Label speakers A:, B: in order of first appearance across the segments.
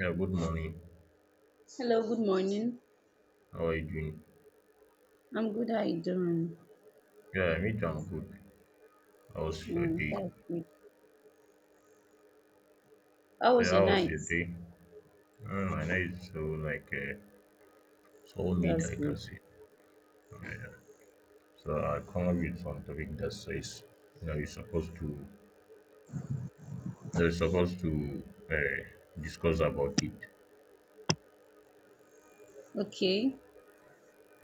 A: Yeah, good morning.
B: Hello, good morning.
A: How are you doing?
B: I'm good. How you doing?
A: Yeah, me too, I'm good. How was your
B: Mm,
A: day?
B: that's good. How
A: Yeah,
B: was your
A: how was your
B: night?
A: day? Mm, I know it's so like so meat
B: That's
A: I can
B: great.
A: say. Yeah. So I come up with some topic that says you know you're supposed to uh, discuss about it.
B: Okay.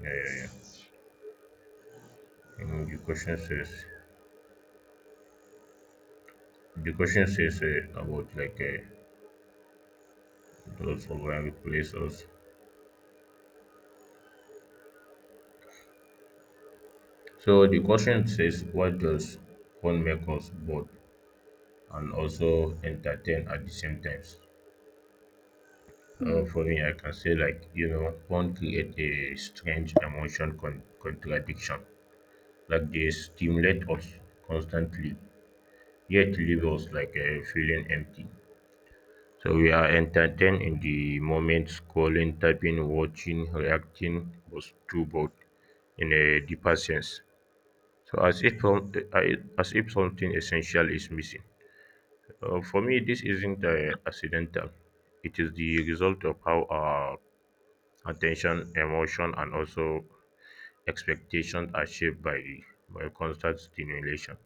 A: Yeah, yeah, yeah. And the question says about like those who will replace us. So the question says what does phone make us bored? And also entertain at the same times.
B: Hmm.
A: For me, I can say like you know, porn create a strange emotion contradiction. Like they stimulate us constantly, yet leave us like feeling empty. So we are entertained in the moment, scrolling, typing, watching, reacting, was too bored in a deeper sense. So as if something essential is missing. For me, this isn't accidental. It is the result of how our attention, emotion, and also expectations are shaped by constant stimulation.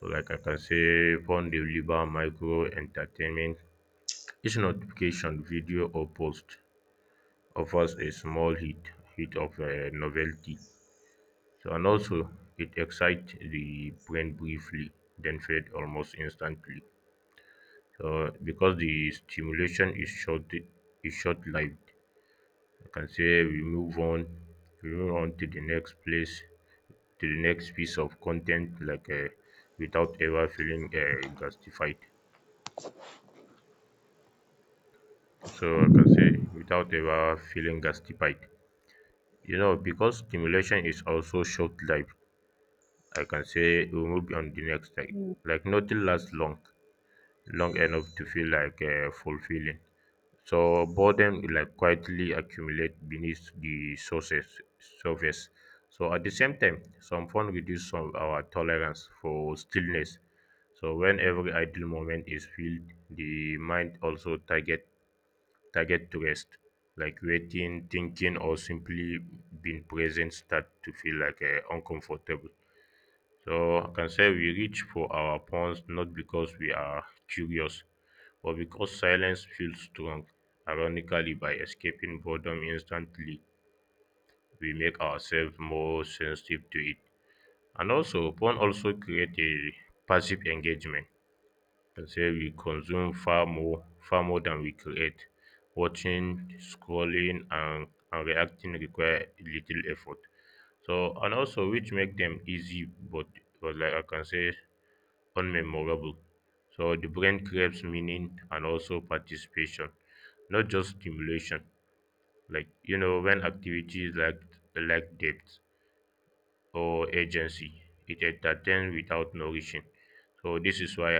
A: So, like I can say, phone deliver, micro entertainment, each notification, video, or post offers a small hit of novelty. So, and also it excites the brain briefly, then fade almost instantly. So because the stimulation is short is short-lived, I can say we move on to the next piece of content like without ever feeling gastified. So I can say without ever feeling gastified. You know, because stimulation is also short-lived, I can say we move on the next type.
B: hmm,
A: Like nothing lasts long, long enough to feel like fulfilling. So boredom like quietly accumulate beneath the surface. So at the same time, some fun reduce some our tolerance for stillness. So when every idle moment is filled, the mind also target to rest, like waiting, thinking, or simply being present start to feel like uncomfortable. So I can say we reach for our phones not because we are curious, but because silence feels strong. Ironically, by escaping boredom instantly, we make ourselves more sensitive to it. And also, phone also create a passive engagement. I can say we consume far more than we create. Watching, scrolling, and reacting require little effort. So and also which make them easy, but like I can say unmemorable. So the brain craves meaning and also participation, not just stimulation. Like you know, when activities lack depth or agency, it entertains without nourishing. So this is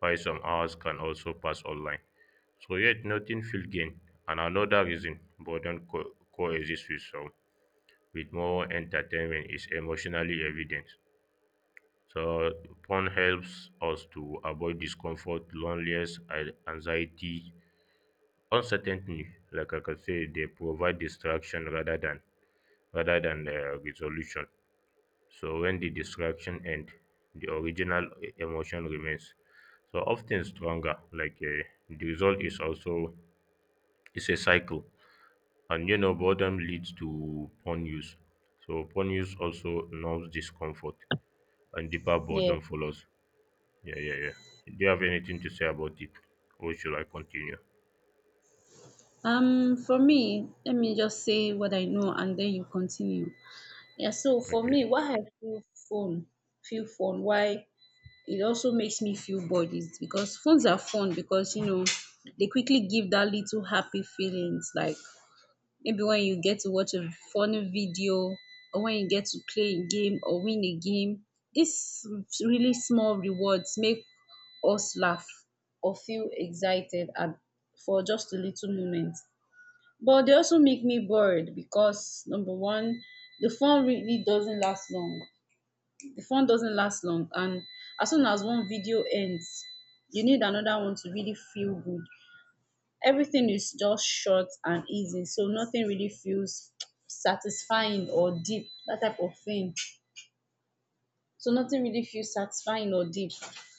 A: why some hours can also pass online. So yet nothing feel gain. And another reason boredom coexists with some with more entertainment is emotionally evident. So porn helps us to avoid discomfort, loneliness, and anxiety, uncertainty. Like I could say, they provide distraction rather than resolution. So when the distraction ends, the original emotion remains. So often stronger. Like the result is also it's a cycle, and you know boredom leads to porn use. So porn use also numbs discomfort, and deeper
B: Yeah.
A: boredom follows. Yeah, yeah, yeah. Do you have anything to say about it? Or should I continue?
B: For me, let me just say what I know and then you continue. Yeah, so for
A: Okay.
B: me, why I feel phone, why it also makes me feel bored is because phones are fun because you know they quickly give that little happy feelings like maybe when you get to watch a funny video or when you get to play a game or win a game, these really small rewards make us laugh or feel excited at for just a little moment, but they also make me bored because number one, the fun really doesn't last long, and as soon as one video ends you need another one to really feel good. Everything is just short and easy, so nothing really feels satisfying or deep, that type of thing so nothing really feels satisfying or deep.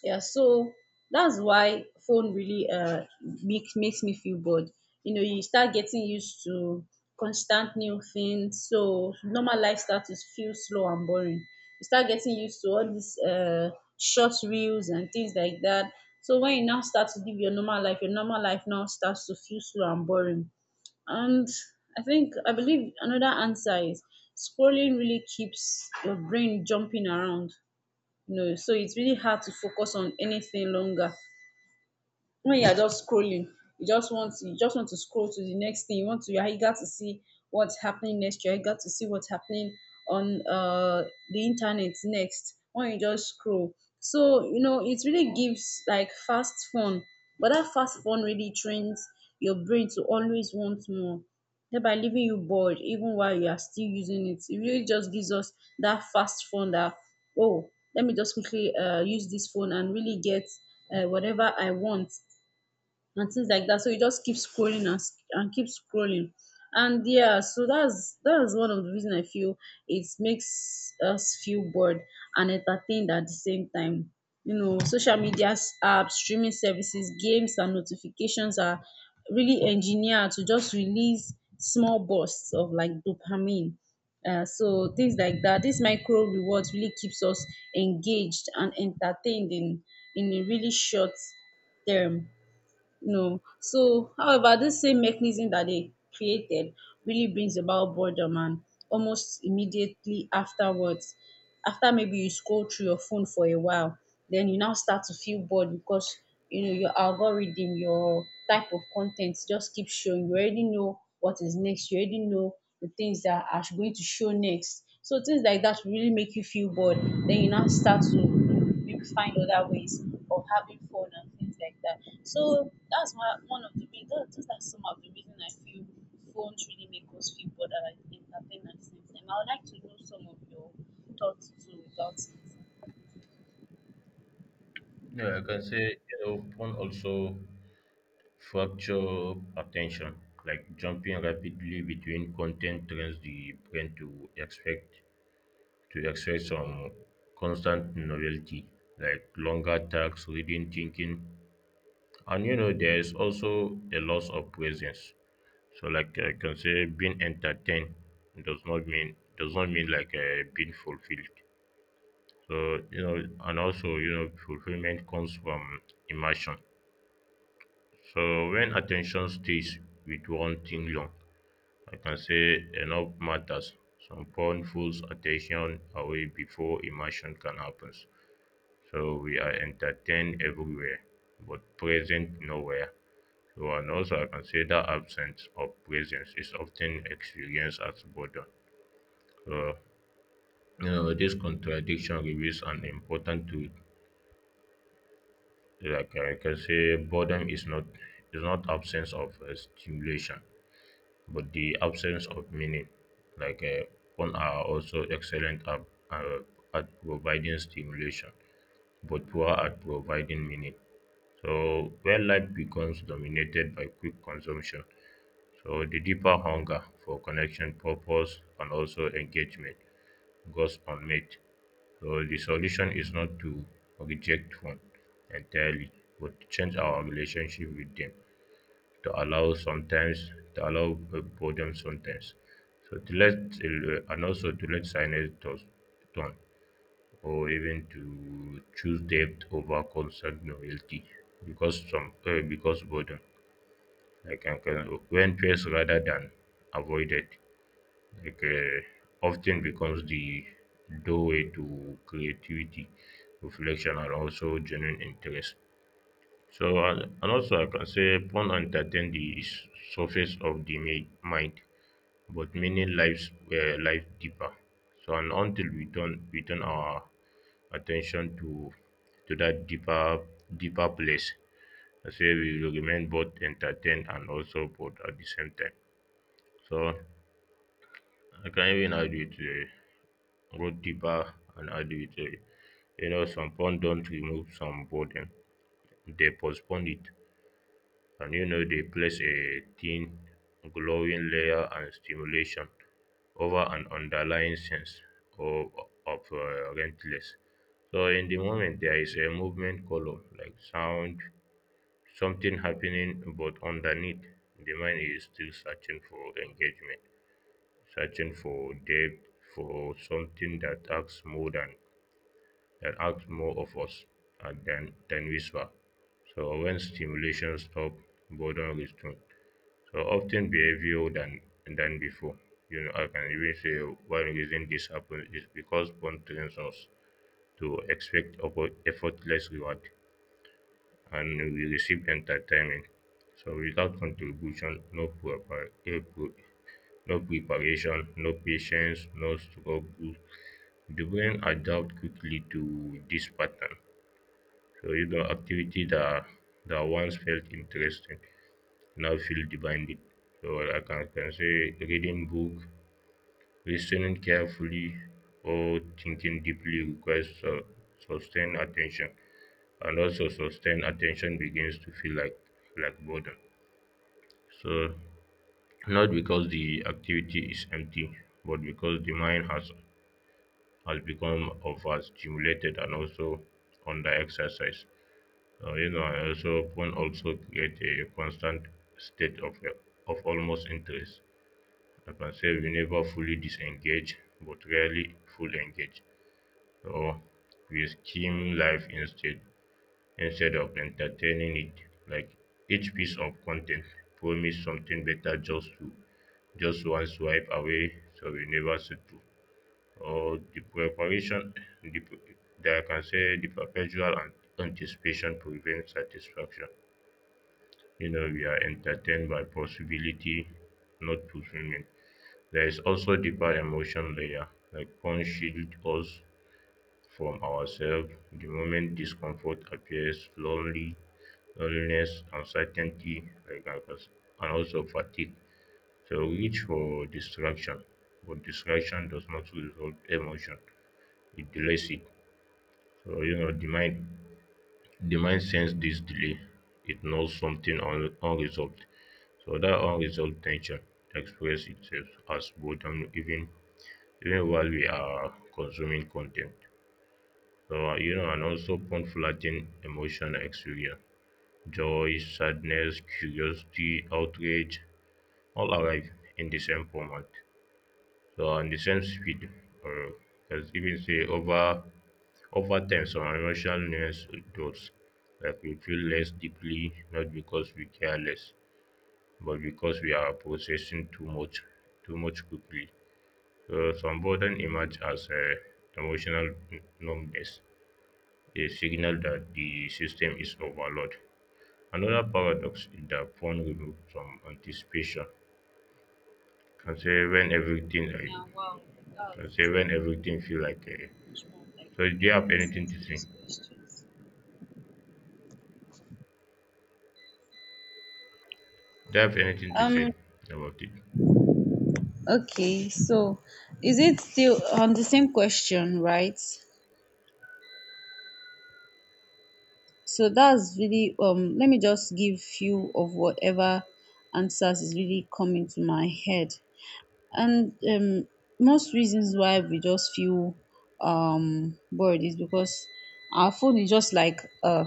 B: Yeah, so that's why phone really makes me feel bored. You know, you start getting used to constant new things, so normal life starts to feel slow and boring. You start getting used to all these short reels and things like that. So when you now start to live your normal life now starts to feel slow and boring. And I think I believe another answer is scrolling really keeps your brain jumping around, no, so it's really hard to focus on anything longer when you are just scrolling. You just want to scroll to the next thing. You want to, you are eager to see what's happening next, you're eager to see what's happening on the internet next when you just scroll. So you know, it really gives like fast fun, but that fast fun really trains your brain to always want more, thereby leaving you bored even while you are still using it. It really just gives us that fast fun that, oh, let me just quickly use this phone and really get whatever I want and things like that. So you just keep scrolling and keep scrolling. And yeah, so that's one of the reason I feel it makes us feel bored and entertained at the same time. You know, social media apps, streaming services, games, and notifications are really engineered to just release small bursts of like dopamine. So things like that, this micro rewards really keeps us engaged and entertained in a really short term, no. So, however, this same mechanism that they created really brings about boredom and almost immediately afterwards, after maybe you scroll through your phone for a while, then you now start to feel bored because you know your algorithm, your type of content just keeps showing. You already know what is next, you already know the things that are going to show next. So things like that will really make you feel bored. Then you now start to maybe find other ways of having fun and things like that. So that's my one of the reasons. Those are some of the reasons I feel phones really make us feel bothered and entertained at the same time. I would like to know some of your thoughts too about it.
A: Yeah, I can say you know, also fracture attention, like jumping rapidly between content trains the brain to expect some constant novelty, like longer tasks, reading, thinking, and you know there is also a loss of presence. So like I can say being entertained does not mean being fulfilled. So, you know, and also, you know, fulfillment comes from immersion. So, when attention stays with one thing long, I can say enough matters. Some porn pulls attention away before immersion can happen. So, we are entertained everywhere, but present nowhere. So, and also, I can say that absence of presence is often experienced as boredom. So, you know, this contradiction reveals an important truth like I can say boredom is not absence of stimulation, but the absence of meaning. Like phone are also excellent uh, at providing stimulation, but poor at providing meaning. So when life becomes dominated by quick consumption, so the deeper hunger for connection, purpose, and also engagement goes unmet. So the solution is not to reject one entirely, but to change our relationship with them, to allow sometimes, to allow boredom sometimes. So and also to let silence turn, or even to choose depth over constant novelty, because because boredom, like I can, when faced rather than avoided, like often becomes the doorway to creativity, reflection, and also genuine interest. So, and also, I can say porn entertain the surface of the mind, but many lives life deeper. So, and until we turn our attention to that deeper place, I say we will remain both entertained and also bored at the same time. So, I can even add with. Both deeper and individually. You know, some fun don't remove some burden, they postpone it. And you know, they place a thin, glowing layer and stimulation over an underlying sense of, of rentless. So in the moment, there is a movement color, like sound, something happening, but underneath, the mind is still searching for engagement, searching for depth, for something that acts more than that asks more of us uh, than we were. So when stimulation stops, boredom returns. So often behavior than before. You know, I can even say one reason this happens is because porn trains us to expect effortless reward and we receive entertainment. So without contribution, no proper, no preparation, no patience, no struggle, the brain adapts quickly to this pattern. So even activity that once felt interesting now feel demanding. So can say reading book, listening carefully, or thinking deeply requires sustained attention, and also sustained attention begins to feel like boredom. So not because the activity is empty, but because the mind has become overstimulated and also under exercise. You know, I also phone also create a constant state of almost interest. I can say we never fully disengage, but rarely fully engage. So we skim life instead of entertaining it. Like each piece of content promise something better just one swipe away, so we never settle. Or the preparation, the, pre- that I can say the perpetual anticipation prevents satisfaction. You know, we are entertained by possibility, not fulfillment. There is also deeper emotion layer, like porn shield us from ourselves. The moment discomfort appears, loneliness, uncertainty, like I was- and also fatigue. So reach for distraction, but distraction does not resolve emotion; it delays it. So you know the mind senses this delay. It knows something unresolved. So that unresolved tension expresses itself as boredom even while we are consuming content. So you know, and also conflicting emotional experience, joy, sadness, curiosity, outrage, all arrive in the same format. So on the same speed, or as even say over time, some emotional nuance does like we feel less deeply, not because we care less, but because we are processing too much quickly. So some burden emerge as emotional numbness, a signal that the system is overloaded. Another paradox is that phone removed from anticipation can say when everything like
B: Yeah, wow, that
A: can say
B: was
A: when
B: really
A: everything feel like a
B: much more of like
A: so
B: a
A: do you
B: great
A: have
B: answer
A: anything to
B: to
A: say?
B: those questions.
A: Do you have anything to
B: Um.
A: say about it?
B: Okay, so is it still on the same question, right? So that's really let me just give few of whatever answers is really coming to my head. And most reasons why we just feel bored is because our phone is just like